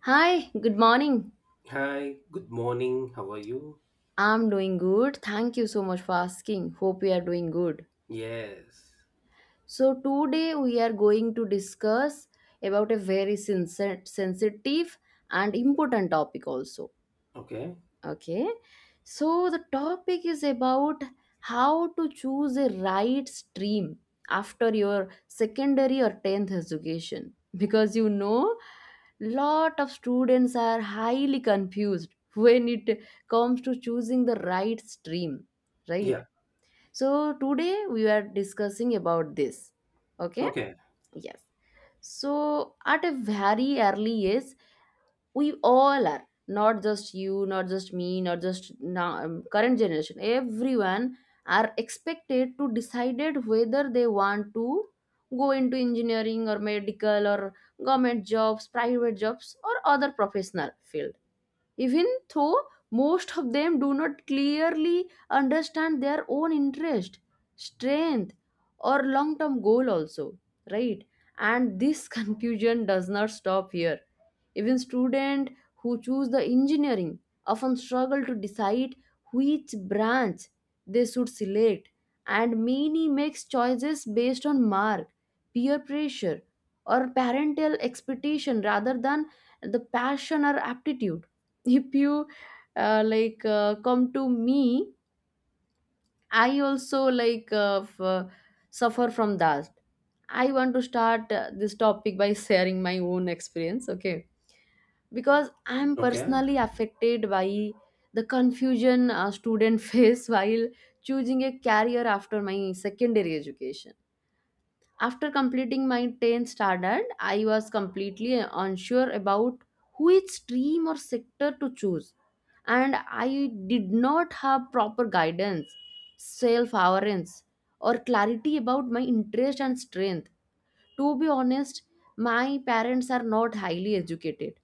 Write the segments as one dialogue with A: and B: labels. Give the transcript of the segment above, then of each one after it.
A: Hi, good morning.
B: Hi, good morning. How are you?
A: I'm doing good. Thank you so much for asking. Hope you are doing good.
B: Yes.
A: So, today we are going to discuss about a very sensitive and important topic also.
B: Okay.
A: Okay. So the topic is about how to choose a right stream after your secondary or 10th education because you know lot of students are highly confused when it comes to choosing the right stream, right?
B: Yeah.
A: So today we are discussing about this. Okay?
B: Okay.
A: Yes. So at a very early age, we all are not just you, not just me, not just now, current generation, everyone are expected to decided whether they want to go into engineering or medical or government jobs, private jobs or other professional field, even though most of them do not clearly understand their own interest, strength or long term goal also, right? And this confusion does not stop here. Even students who choose the engineering often struggle to decide which branch they should select, and many makes choices based on mark, peer pressure or parental expectation rather than the passion or aptitude. If you come to me, I also suffer from that. I want to start this topic by sharing my own experience. Okay, because I'm
B: Okay.
A: personally affected by the confusion a student face while choosing a career after my secondary education. After completing my 10th standard, I was completely unsure about which stream or sector to choose, and I did not have proper guidance, self awareness, or clarity about my interest and strength. To be honest, my parents are not highly educated.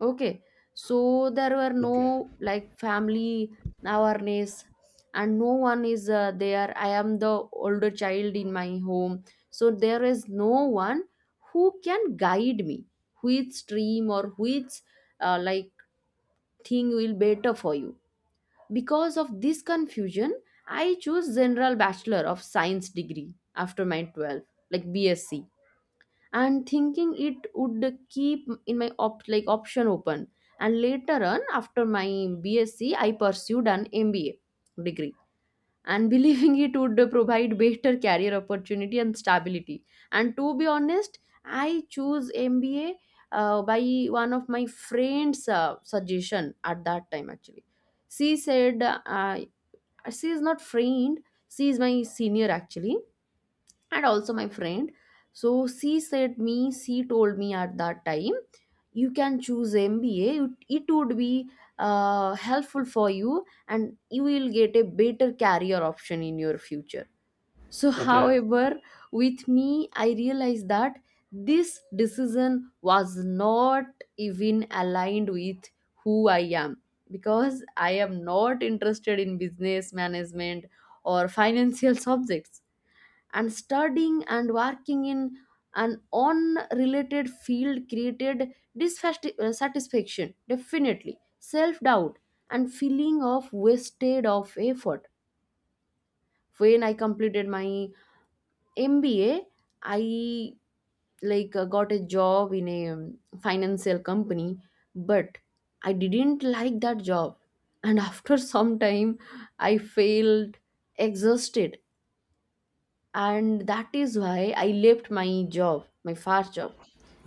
A: Okay, so there were
B: Okay.
A: no like family awareness, and no one is there. I am the older child in my home, so there is no one who can guide me which stream or which uh, like thing will better for you. Because of this confusion, I chose General Bachelor of Science degree after my 12, like BSc, and thinking it would keep in my like option open. And later on, after my BSc I pursued an MBA degree, and believing it would provide better career opportunity and stability. And to be honest, I choose MBA by one of my friends suggestion at that time. Actually, she said, she is not friend, she is my senior actually, and also my friend. So she said me, she told me at that time, you can choose MBA, it would be helpful for you, and you will get a better career option in your future. So
B: Okay. Okay.
A: however, with me I realized that this decision was not even aligned with who I am, because I am not interested in business management or financial subjects, and studying and working in an unrelated field created dissatisfaction, definitely self-doubt and feeling of wasted of effort. When I completed my MBA, I got a job in a financial company, but I didn't like that job, and after some time I felt exhausted, and that is why I left my job, my first job.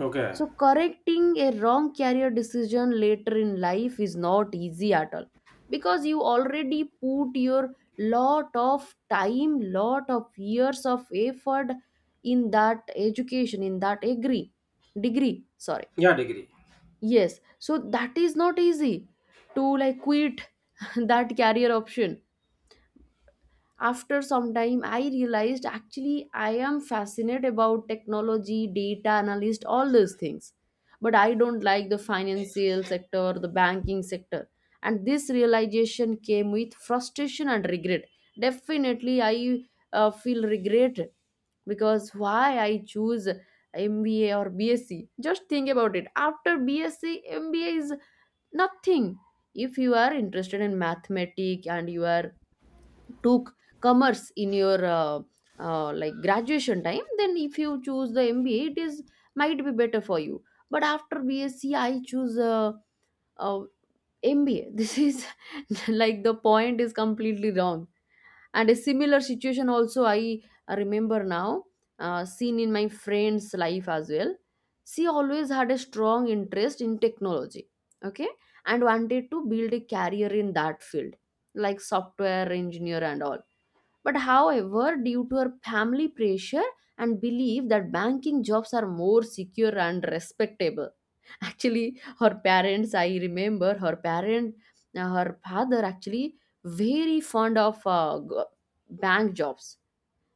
B: Okay.
A: So, correcting a wrong career decision later in life is not easy at all, because you already put your lot of time, lot of years of effort in that education, in that degree, degree. Sorry,
B: Yeah, degree.
A: yes. So that is not easy to like quit that career option. After some time I realized, actually I am fascinated about technology, data analyst, all those things, but I don't like the financial sector, the banking sector. And this realization came with frustration and regret. Definitely I feel regret, because why I choose MBA or BSc. Just think about it. After BSc, MBA is nothing. If you are interested in mathematics and you are took commerce in your graduation time, then if you choose the MBA it is might be better for you. But after BSc I choose uh, MBA. This is like the point is completely wrong. And a similar situation also I remember now seen in my friend's life as well. She always had a strong interest in technology, okay, and wanted to build a career in that field, like software engineer and all. But however, due to her family pressure and belief that banking jobs are more secure and respectable, actually her parents, I remember her parent, her father actually very fond of bank jobs.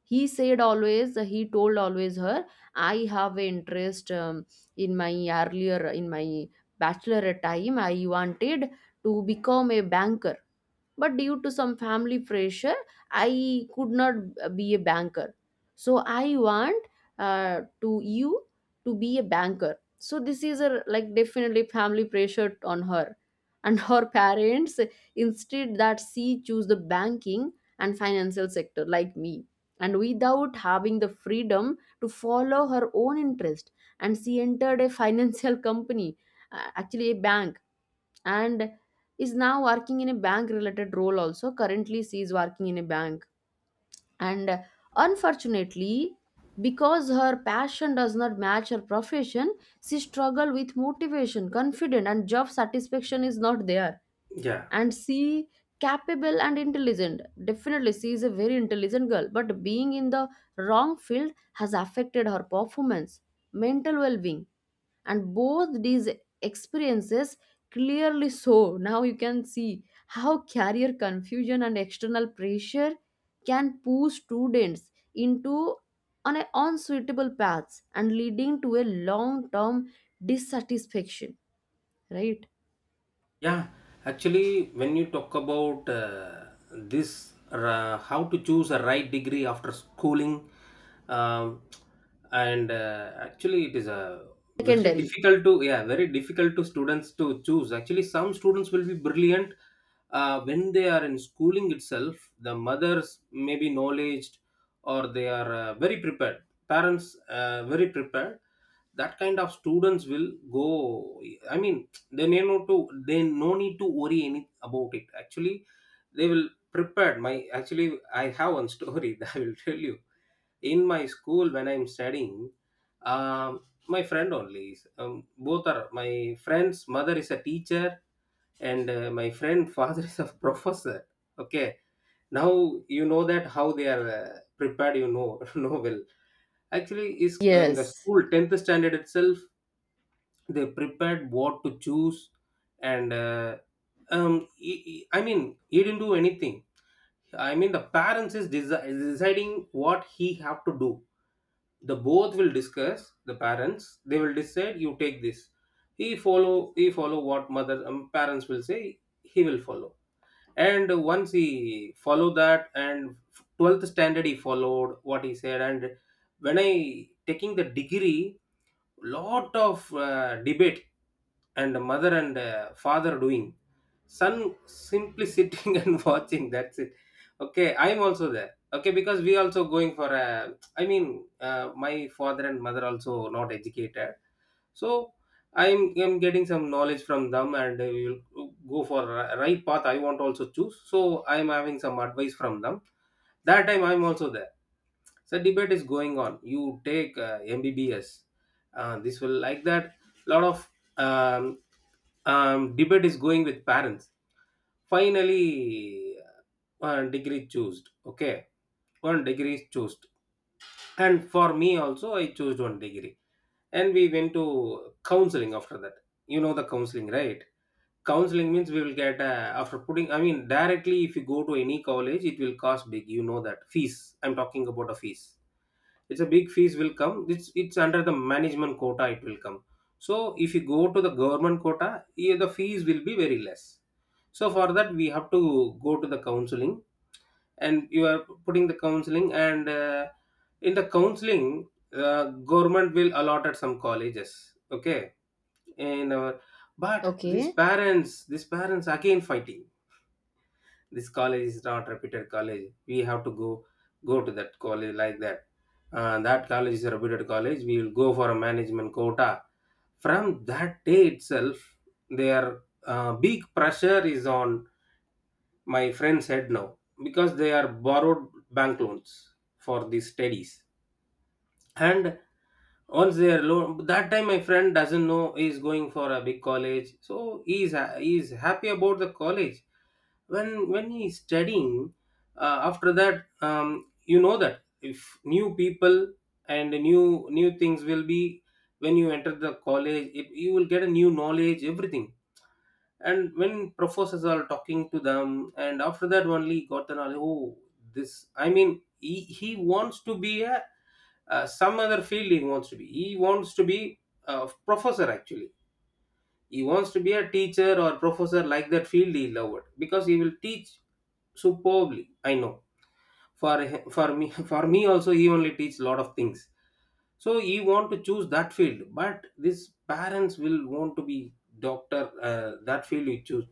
A: He said always, he told always her, I have an interest, in my earlier, in my bachelorette time I wanted to become a banker, but due to some family pressure I could not be a banker, so I want to you to be a banker. So this is a like definitely family pressure on her and her parents. Instead that she choose the banking and financial sector like me, and without having the freedom to follow her own interest, and she entered a financial company, actually a bank, and is now working in a bank related role. Also currently she is working in a bank, and unfortunately because her passion does not match her profession, she struggle with motivation, confidence, and job satisfaction is not there.
B: Yeah.
A: And she capable and intelligent, definitely she is a very intelligent girl, but being in the wrong field has affected her performance, mental well-being. And both these experiences clearly show, now you can see how career confusion and external pressure can push students into on a unsuitable paths and leading to a long term dissatisfaction, right?
B: Yeah, actually, when you talk about this, how to choose a right degree after schooling, um, and actually, it is a very
A: Secondary.
B: difficult to yeah very difficult to students to choose. Actually, some students will be brilliant when they are in schooling itself. The mothers may be knowledge, or they are very prepared. Parents very prepared. That kind of students will go, I mean they may not to, they no need to worry any about it, actually they will prepared. My, actually I have one story that I will tell you. In my school when I'm studying, um, my friend only both are my friend's mother is a teacher, and my friend father is a professor. Okay. Now you know that how they are prepared, you know. Know well. Actually is in the
A: Yes.
B: school 10th standard itself they prepared what to choose. And um, he- he- i mean he didn't do anything. I mean the parents is deciding what he have to do. The both will discuss. The parents, they will decide, "You take this." He follow what mother, parents will say. He will follow. And once he follow that, and 12th standard he followed what he said. And when I taking the degree, lot of debate, and the mother and father doing, son simply sitting and watching, that's it. Okay, I'm also there. Okay, because we also going for a, I mean, my father and mother also not educated. So I'm getting some knowledge from them and we will go for a right path. I want also choose, so I'm having some advice from them. That time I'm also there. So debate is going on, "You take MBBS, this will like that." A lot of um, debate is going with parents. Finally, one degree chosen. Okay, one degree is chosen. And for me also I chose one degree, and we went to counseling after that. You know the counseling, right? Counseling means we will get, after putting, I mean directly if you go to any college it will cost big, you know that fees I'm talking about, a fees. It's a big fees will come, it's under the management quota it will come. So if you go to the government quota, yeah, the fees will be very less. So for that we have to go to the counseling. And you are putting the counseling, and in the counseling, uh, government will allot at some colleges. Okay, in our, but these
A: Okay.
B: parents these parents again fighting. "This college is not reputed college, we have to go to that college," like that. "That college is a reputed college, we will go for a management quota." From that day itself, their big pressure is on my friend's head now, because they are borrowed bank loans for these studies. And once they are alone, that time my friend doesn't know he's going for a big college, so he's happy about the college. When he's studying, after that, you know that if new people and new things will be, when you enter the college it, you will get a new knowledge everything. And when professors are talking to them, and after that only got the knowledge. Oh, this I mean, he wants to be a some other field, he wants to be, a professor, actually. He wants to be a teacher or professor, like that field he loved, because he will teach superbly, I know. For me for me also he only teach lot of things. So he want to choose that field, but these parents will want to be doctor, "That field you choose."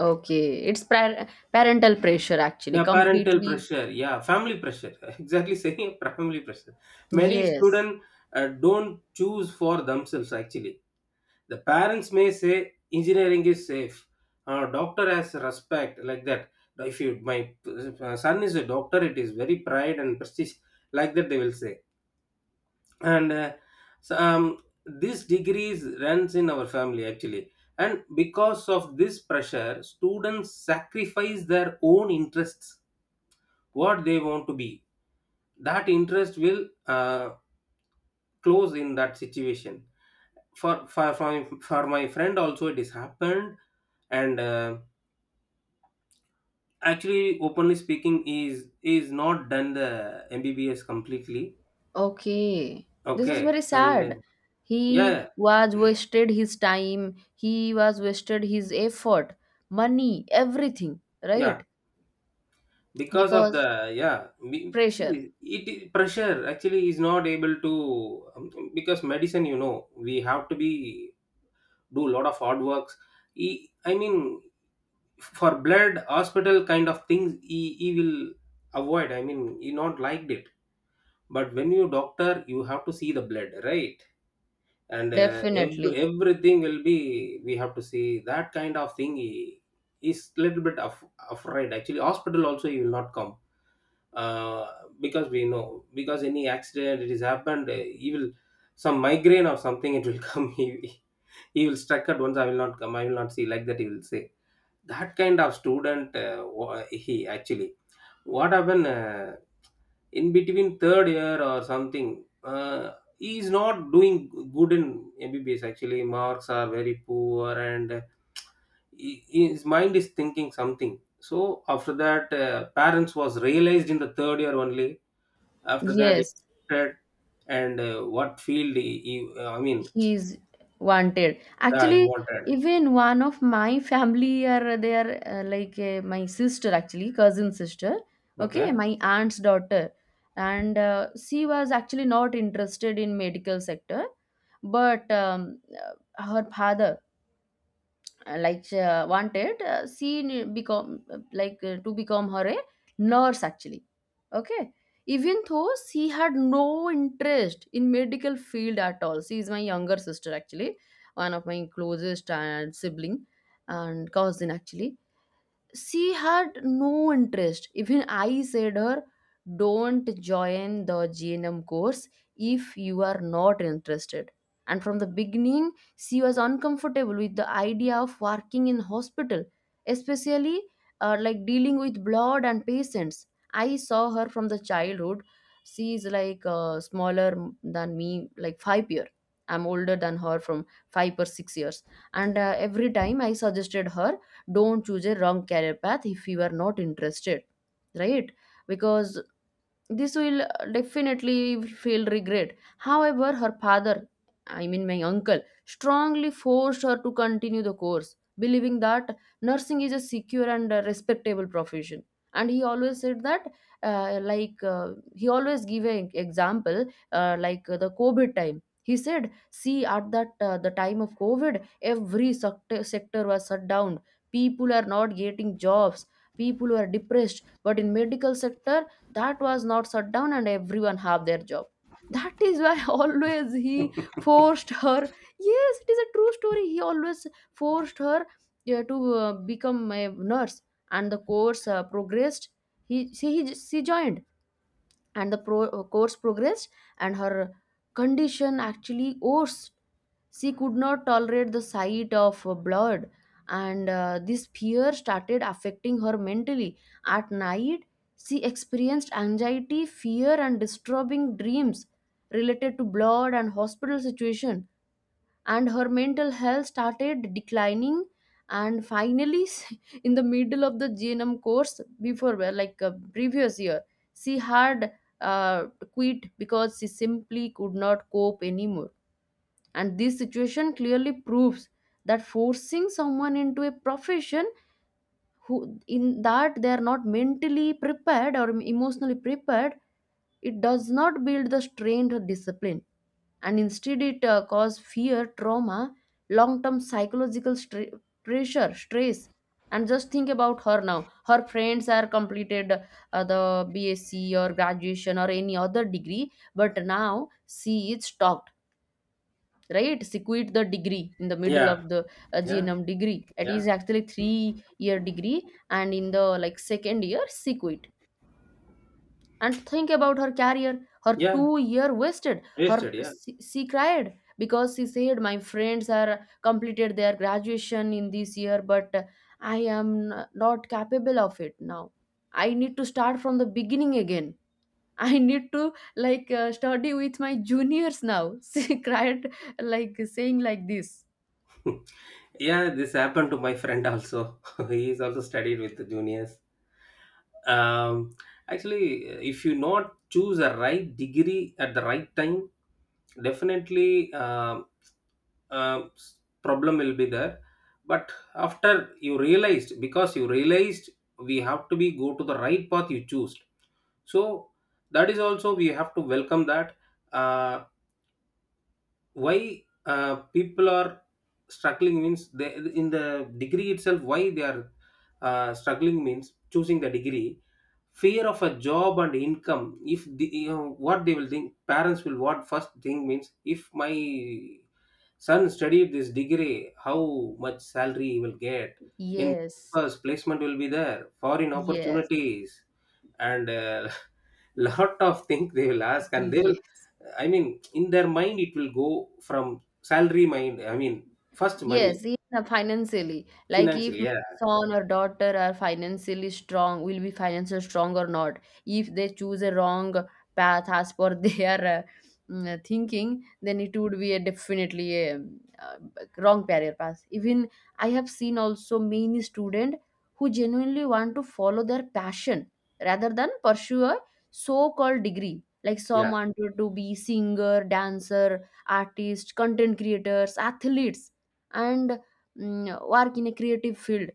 A: Okay, parental pressure actually,
B: Yeah, parental
A: completely.
B: pressure, yeah, family pressure, exactly saying family pressure. Many
A: Yes.
B: students don't choose for themselves, actually. The parents may say engineering is safe, doctor has respect, like that. If you my son is a doctor, it is very pride and prestige, like that they will say. And so, um, this degrees runs in our family, actually. And because of this pressure, students sacrifice their own interests. What they want to be, that interest will uh, close in that situation. For my friend also it is happened. And actually openly speaking, is not done the MBBS completely.
A: Okay, this is
B: Okay,
A: very
B: and
A: sad.
B: yeah,
A: He
B: yeah,
A: was wasted his time, he was wasted his effort, money, everything,
B: yeah.
A: right?
B: Because of the
A: Because
B: yeah, we,
A: pressure,
B: see it pressure actually is not able to. Because medicine, you know, we have to be do a lot of hard works. He, I mean, for blood hospital kind of things, he will avoid, I mean he not liked it. But when you doctor, you have to see the blood, right? And
A: definitely.
B: everything will be, we have to see that kind of thing, is little bit afraid, actually, hospital also he will not come. uh, because we know, because any accident it is happened, he will some migraine or something it will come. He will struck at once, "I will not come, I will not see," like that he will say. That kind of student he actually what happened, in between third year or something, he is not doing good in MBBS, actually marks are very poor, and he- his mind is thinking something. So after that, parents was realized in the third year only, after that he
A: Yes,
B: wanted. And what field he i mean
A: he's wanted.
B: he
A: Actually,
B: wanted.
A: even one of my family are there, my sister, actually, cousin sister, okay,
B: Okay.
A: my aunt's daughter, and she was actually not interested in medical sector, but her father, she, wanted, become, to become her a nurse actually. Okay, even though she had no interest in medical field at all, she is my younger sister actually, one of my closest and sibling and cousin actually, she had no interest. Even I said her, don't join the GNM course if you are not interested. And from the beginning, she was uncomfortable with the idea of working in hospital, especially dealing with blood and patients. I saw her from the childhood. She is like smaller than me, like 5 years. I'm older than her from 5 or 6 years. And every time I suggested her, don't choose a wrong career path if you are not interested, right? Because this will definitely feel regret. However, her father, I mean my uncle, strongly forced her to continue the course, believing that nursing is a secure and respectable profession. And he always said that, he always gave an example, the COVID time. He said, see, at that the time of COVID, sector was shut down. People are not getting jobs. People are depressed. But in medical sector, that was not shut down and everyone have their job. That is why always he forced her. Yes, it is a true story, he always forced her, yeah, to become a nurse. And the course progressed, he she joined, and the course progressed, and her condition actually worse. She could not tolerate the sight of blood, and this fear started affecting her mentally. At night, she experienced anxiety, fear, and disturbing dreams related to blood and hospital situation, and her mental health started declining. And finally, in the middle of the GNM course, before well, previous year, she had uh, quit because she simply could not cope anymore. And this situation clearly proves that forcing someone into a profession who in that they are not mentally prepared or emotionally prepared, it does not build the strength or discipline, and instead it cause fear, trauma, long term psychological pressure, stress. And just think about her now, her friends are completed the BSc or graduation or any other degree, but now she is stuck, right? She the degree in the middle
B: Yeah,
A: of the
B: yeah,
A: GNM degree. It
B: yeah.
A: is actually 3 year degree, and in the like second year, she quit. And think about her career, her
B: Yeah,
A: 2 year wasted. Her
B: wasted, yeah.
A: she cried because she said, "My friends are completed their graduation in this year, but I am not capable of it now. I need to start from the beginning again." I need to study with my juniors now. She cried like saying like this.
B: Yeah, this happened to my friend also. He is also studied with the juniors. um, Actually, if you not choose a right degree at the right time, definitely um, problem will be there. But after you realized, because you realized, we have to be go to the right path you choose. So that is also we have to welcome that. Uh, why people are struggling means, they in the degree itself why they are struggling means choosing the degree. Fear of a job and income. If the, what they will think parents will, what first thing means, if my son studied this degree, how much salary he will get? In
A: Yes,
B: campus placement will be there foreign
A: yes,
B: opportunities, and lot of things they will ask, and they will.
A: yes.
B: I mean, in their mind, it will go from salary mind. I mean, first money,
A: Yes, even financially. Like
B: financial.
A: if my
B: Yeah,
A: son or daughter are financially strong, will be financially strong or not. If they choose a wrong path as per their thinking, then it would be a definitely a wrong career path. Even I have seen also many student who genuinely want to follow their passion rather than pursue a so-called degree. Like some
B: yeah,
A: wanted to be singer, dancer, artist, content creators, athletes and work in a creative field,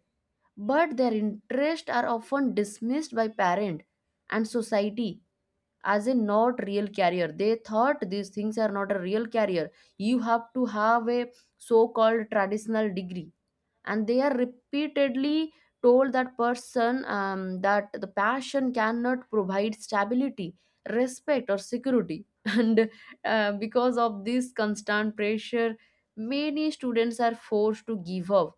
A: but their interests are often dismissed by parent and society as a not real carrier. They thought these things are not a real carrier. You have to have a so called traditional degree, and they are repeatedly told that person that the passion cannot provide stability, respect or security and because of this constant pressure, many students are forced to give up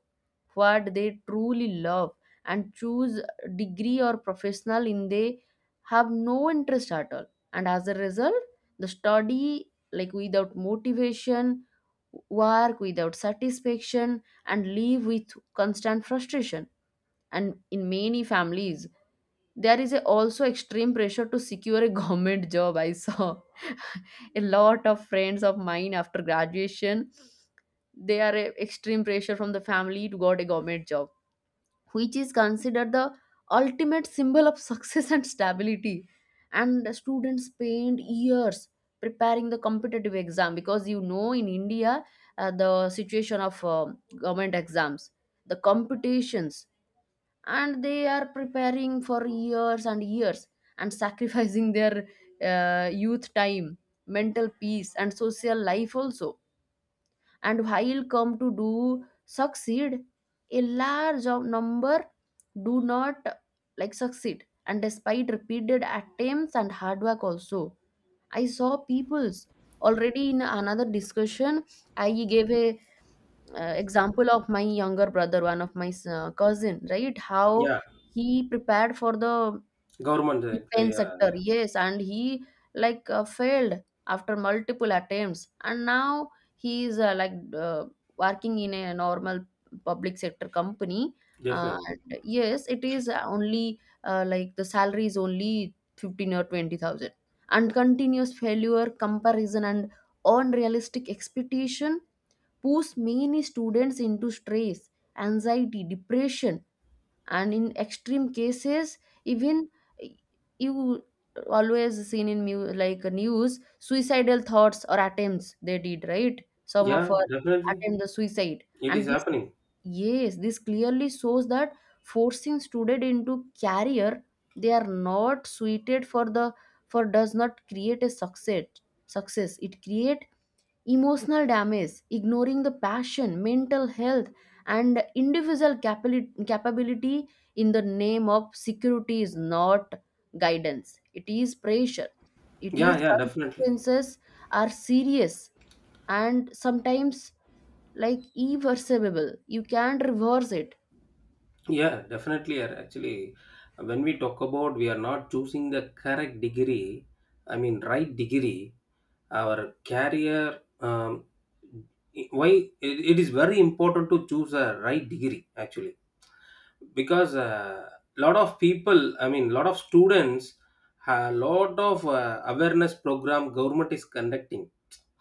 A: what they truly love and choose degree or professional in they have no interest at all. And as a result, the study like without motivation, work without satisfaction, and live with constant frustration. And in many families there is a also extreme pressure to secure a government job. I saw a lot of friends of mine after graduation, they are a extreme pressure from the family to got a government job, which is considered the ultimate symbol of success and stability. And the students spend years preparing the competitive exam because in India the situation of government exams, the competitions, and they are preparing for years and years and sacrificing their youth time, mental peace, and social life also. And while come to do succeed, a large of number do not like succeed. And despite repeated attempts and hard work also, I saw people's already in another discussion. I gave a example of my younger brother, one of my cousin, right? How
B: yeah.
A: he prepared for the
B: Government.
A: Defense
B: Yeah,
A: sector, yes, and he like failed after multiple attempts, and now he is like working in a normal public sector company. Uh,
B: definitely.
A: and yes, it is only like the salary is only fifteen or twenty thousand, and continuous failure, comparison, and unrealistic expectation push many students into stress, anxiety, depression, and in extreme cases even eh, you always seen in like news suicidal thoughts or attempts they did, right? Some of
B: Yeah,
A: her
B: definitely.
A: attempt the suicide
B: It is
A: and this.
B: happening.
A: Yes, this clearly shows that forcing student into career they are not suited for does not create a success. It create emotional damage. Ignoring the passion, mental health, and individual capability in the name of security is not guidance. It is pressure. It
B: Yeah,
A: is
B: yeah, definitely.
A: Consequences are serious and sometimes like irreversible. You can't reverse it.
B: Yeah, definitely are. Actually, when we talk about we are not choosing the correct degree, I mean, right degree, our career. Why it is very important to choose a right degree, actually. Because a lot of people, I mean lot of students, a lot of awareness program government is conducting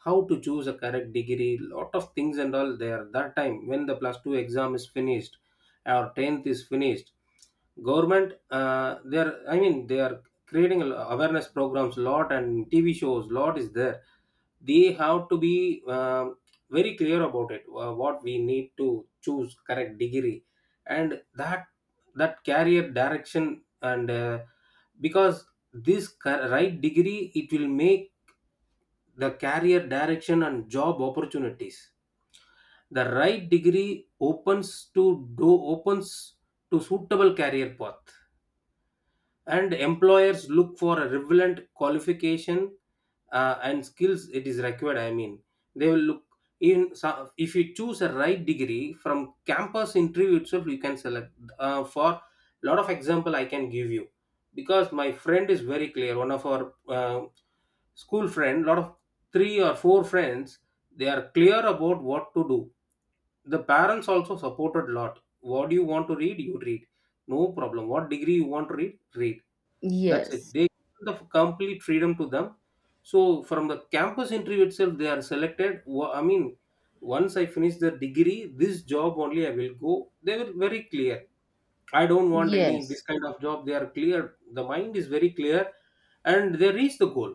B: how to choose a correct degree, lot of things and all there, that time when the plus 2 exam is finished or 10th is finished, government they are creating a awareness programs lot, and tv shows lot is there. They have to be um very clear about it, what we need to choose correct degree, and that career direction, and because this right degree it will make the career direction and job opportunities. The right degree opens to suitable career path. And employers look for a relevant qualification, and skills it is required, I mean they will look. If you choose a right degree, from campus interview itself you can select for lot of example I can give you. Because my friend is very clear, one of our school friend, lot of three or four friends, they are clear about what to do. The parents also supported lot. "What do you want to read, you read, no problem. What degree you want to read, read." That's it.
A: Yes,
B: They give the complete freedom to them. So from the campus interview itself, they are selected. I mean, once I finish the degree, this job only I will go. They were very clear. I don't want any this
A: yes,
B: kind of job. They are clear. The mind is very clear, and they reach the goal.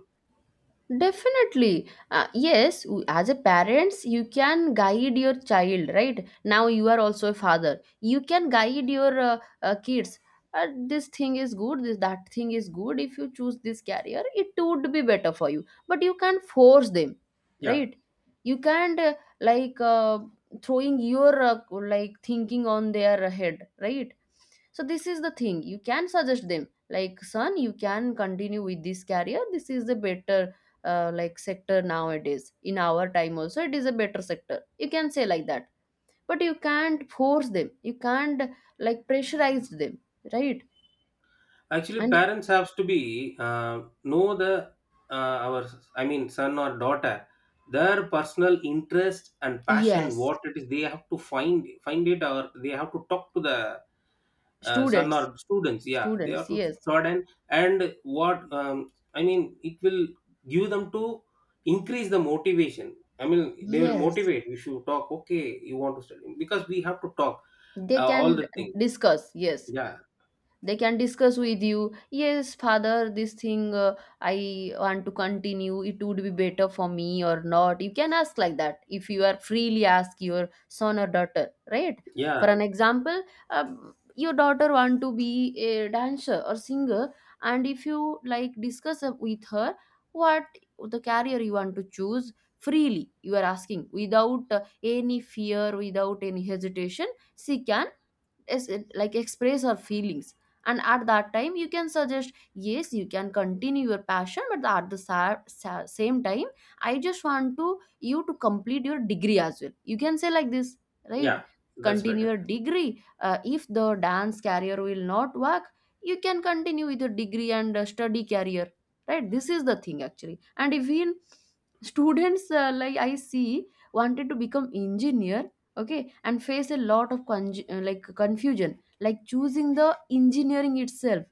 A: definitely, yes, as a parents you can guide your child. Right now you are also a father, you can guide your kids. This thing is good, this that thing is good. If you choose this career it would be better for you, but you can't force them,
B: Yeah.
A: right? You can't like throwing your like thinking on their head, right? So this is the thing. You can suggest them like son, you can continue with this career. This is the better like sector nowadays. In our time also it is a better sector, you can say like that. But you can't force them, you can't like pressurize them, right?
B: Actually
A: And
B: parents have to be know the, our, I mean son or daughter, their personal interest and passion
A: yes,
B: what it is, they have to find it, or they have to talk to the son or
A: students
B: students, yeah, they have
A: students
B: to
A: yes,
B: start. And what, I mean, it will give them to increase the motivation, I mean they will
A: yes,
B: motivate if should talk, "Okay, you want to study," because we have to talk
A: they
B: all
A: can
B: the thing.
A: discuss. Yes,
B: Yeah,
A: they can discuss with you, yes. Father, this thing I want to continue, it would be better for me or not, you can ask like that. If you are freely ask your son or daughter, right? For
B: yeah,
A: an example, your daughter want to be a dancer or singer, and if you like discuss with her what the career you want to choose. Freely you are asking without any fear without any hesitation, she can is it like express our feelings. And at that time you can suggest, yes, you can continue your passion, but at the same time, I just want to you to complete your degree as well, you can say like this, right?
B: yeah, that's
A: Continue
B: better,
A: your degree. If the dance career will not work, you can continue with your degree and study career, right? This is the thing actually. And even students like I see wanted to become engineer, okay, and face a lot of like confusion like choosing the engineering itself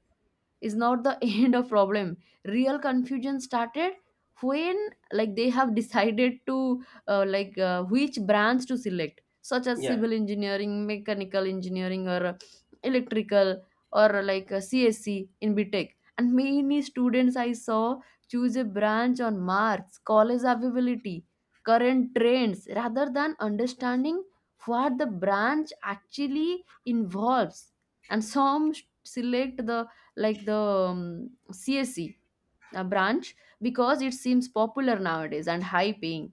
A: is not the end of problem. Real confusion started when like they have decided to like which branch to select, such as
B: yeah.
A: civil engineering, mechanical engineering, or electrical, or like csc in btech. And many students I saw choose a branch on marks, college availability, current trends rather than understanding what the branch actually involves. And some select the like the CSE branch because it seems popular nowadays and high paying.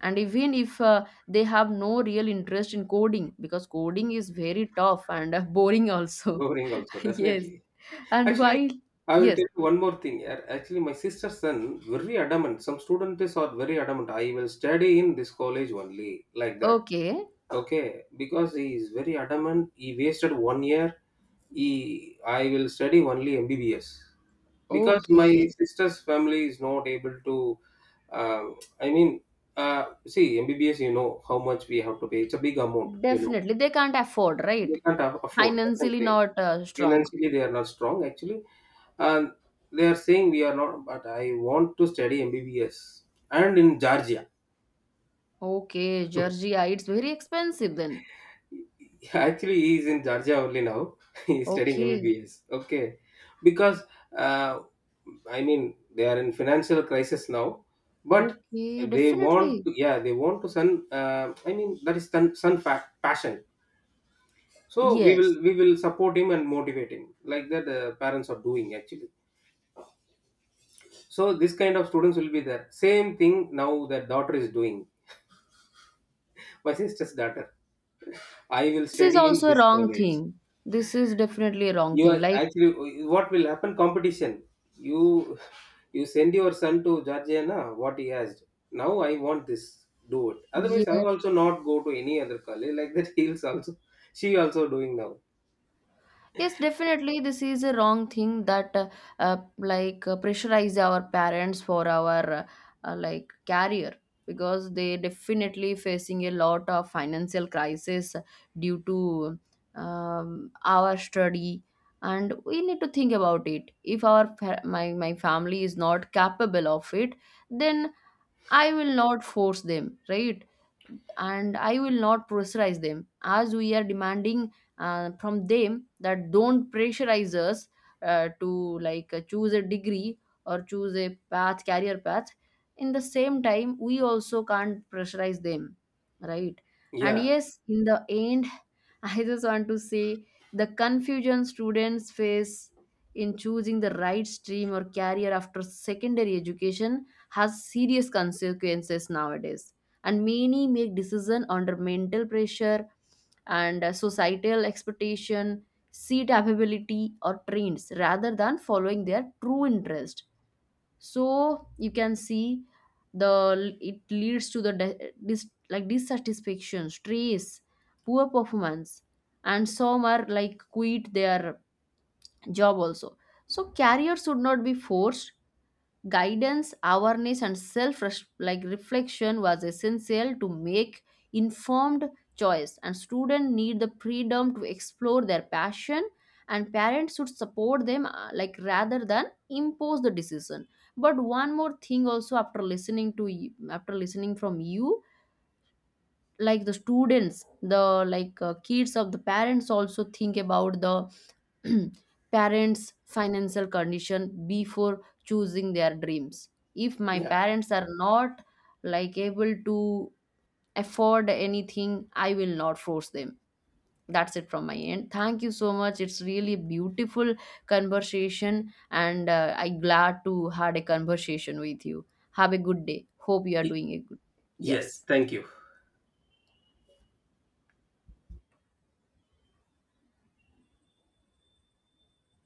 A: And even if they have no real interest in coding, because coding is very tough and boring also.
B: Boring also,
A: Yes.
B: definitely.
A: And
B: Actually,
A: while,
B: I will
A: yes,
B: tell you one more thing here. Actually, my sister's son very adamant. Some students are very adamant. "I will study in this college only," like that.
A: okay,
B: Okay, because he is very adamant, he wasted one year. He, "I will study only MBBS," because my
A: okay,
B: sister's family is not able to. Uh, I mean, see, MBBS. You know how much we have to pay, it's a big amount. You know,
A: definitely they can't afford,
B: they
A: right?
B: can't afford. That's what I'm
A: Financially
B: saying.
A: not strong.
B: Financially they are not strong, actually, and they are saying, "We are not, but I want to study MBBS, and in Georgia."
A: Okay, Georgia, it's very expensive then.
B: Actually he is in Georgia only now, he is studying
A: Okay,
B: MBBS, okay. Because uh, I mean they are in financial crisis now, but
A: okay,
B: they want
A: definitely.
B: to, yeah they want to, son, I mean that is son, son fact, passion. So we will
A: Yes.
B: we will support him and motivate him, like that parents are doing, actually. So this kind of students will be there. Same thing now that daughter is doing, my sister's daughter. "I will
A: This is
B: study in
A: also a
B: this
A: wrong
B: college."
A: thing. This is definitely a wrong
B: You
A: thing.
B: are
A: Like,
B: actually what will happen? Competition. You you send your son to Georgiana. What he asked. "Now I want this, do it. Otherwise, I
A: yeah,
B: will also not go to any other college," like that. He's also, she also doing now.
A: yes, definitely, this is a wrong thing that like pressurize our parents for our like career, because they definitely facing a lot of financial crisis due to our study. And we need to think about it, if our my family is not capable of it, then I will not force them, right? And I will not pressurize them as we are demanding from them that don't pressurize us to like choose a degree or choose a path, career path. In the same time, we also can't pressurize them, right? And
B: Yeah.
A: yes, in the end, I just want to say the confusion students face in choosing the right stream or career after secondary education has serious consequences nowadays, and many make decision under mental pressure and societal expectation, seat availability or trends rather than following their true interest. So you can see the it leads to the like dissatisfaction, stress, poor performance, and some are like quit their job also. So career should not be forced. Guidance, awareness, and self like reflection was essential to make informed choice, and students need the freedom to explore their passion, and parents should support them like rather than impose the decision. But one more thing also, after listening from you, like the students the like kids of the parents also think about the parents financial condition before choosing their dreams. If my
B: Yeah.
A: parents are not like able to afford anything, I will not force them. That's it from my end. Thank you so much, it's really a beautiful conversation, and I glad to had a conversation with you. Have a good day, hope you are
B: Y-
A: doing a good.
B: Yes.
A: Yes.
B: Thank you.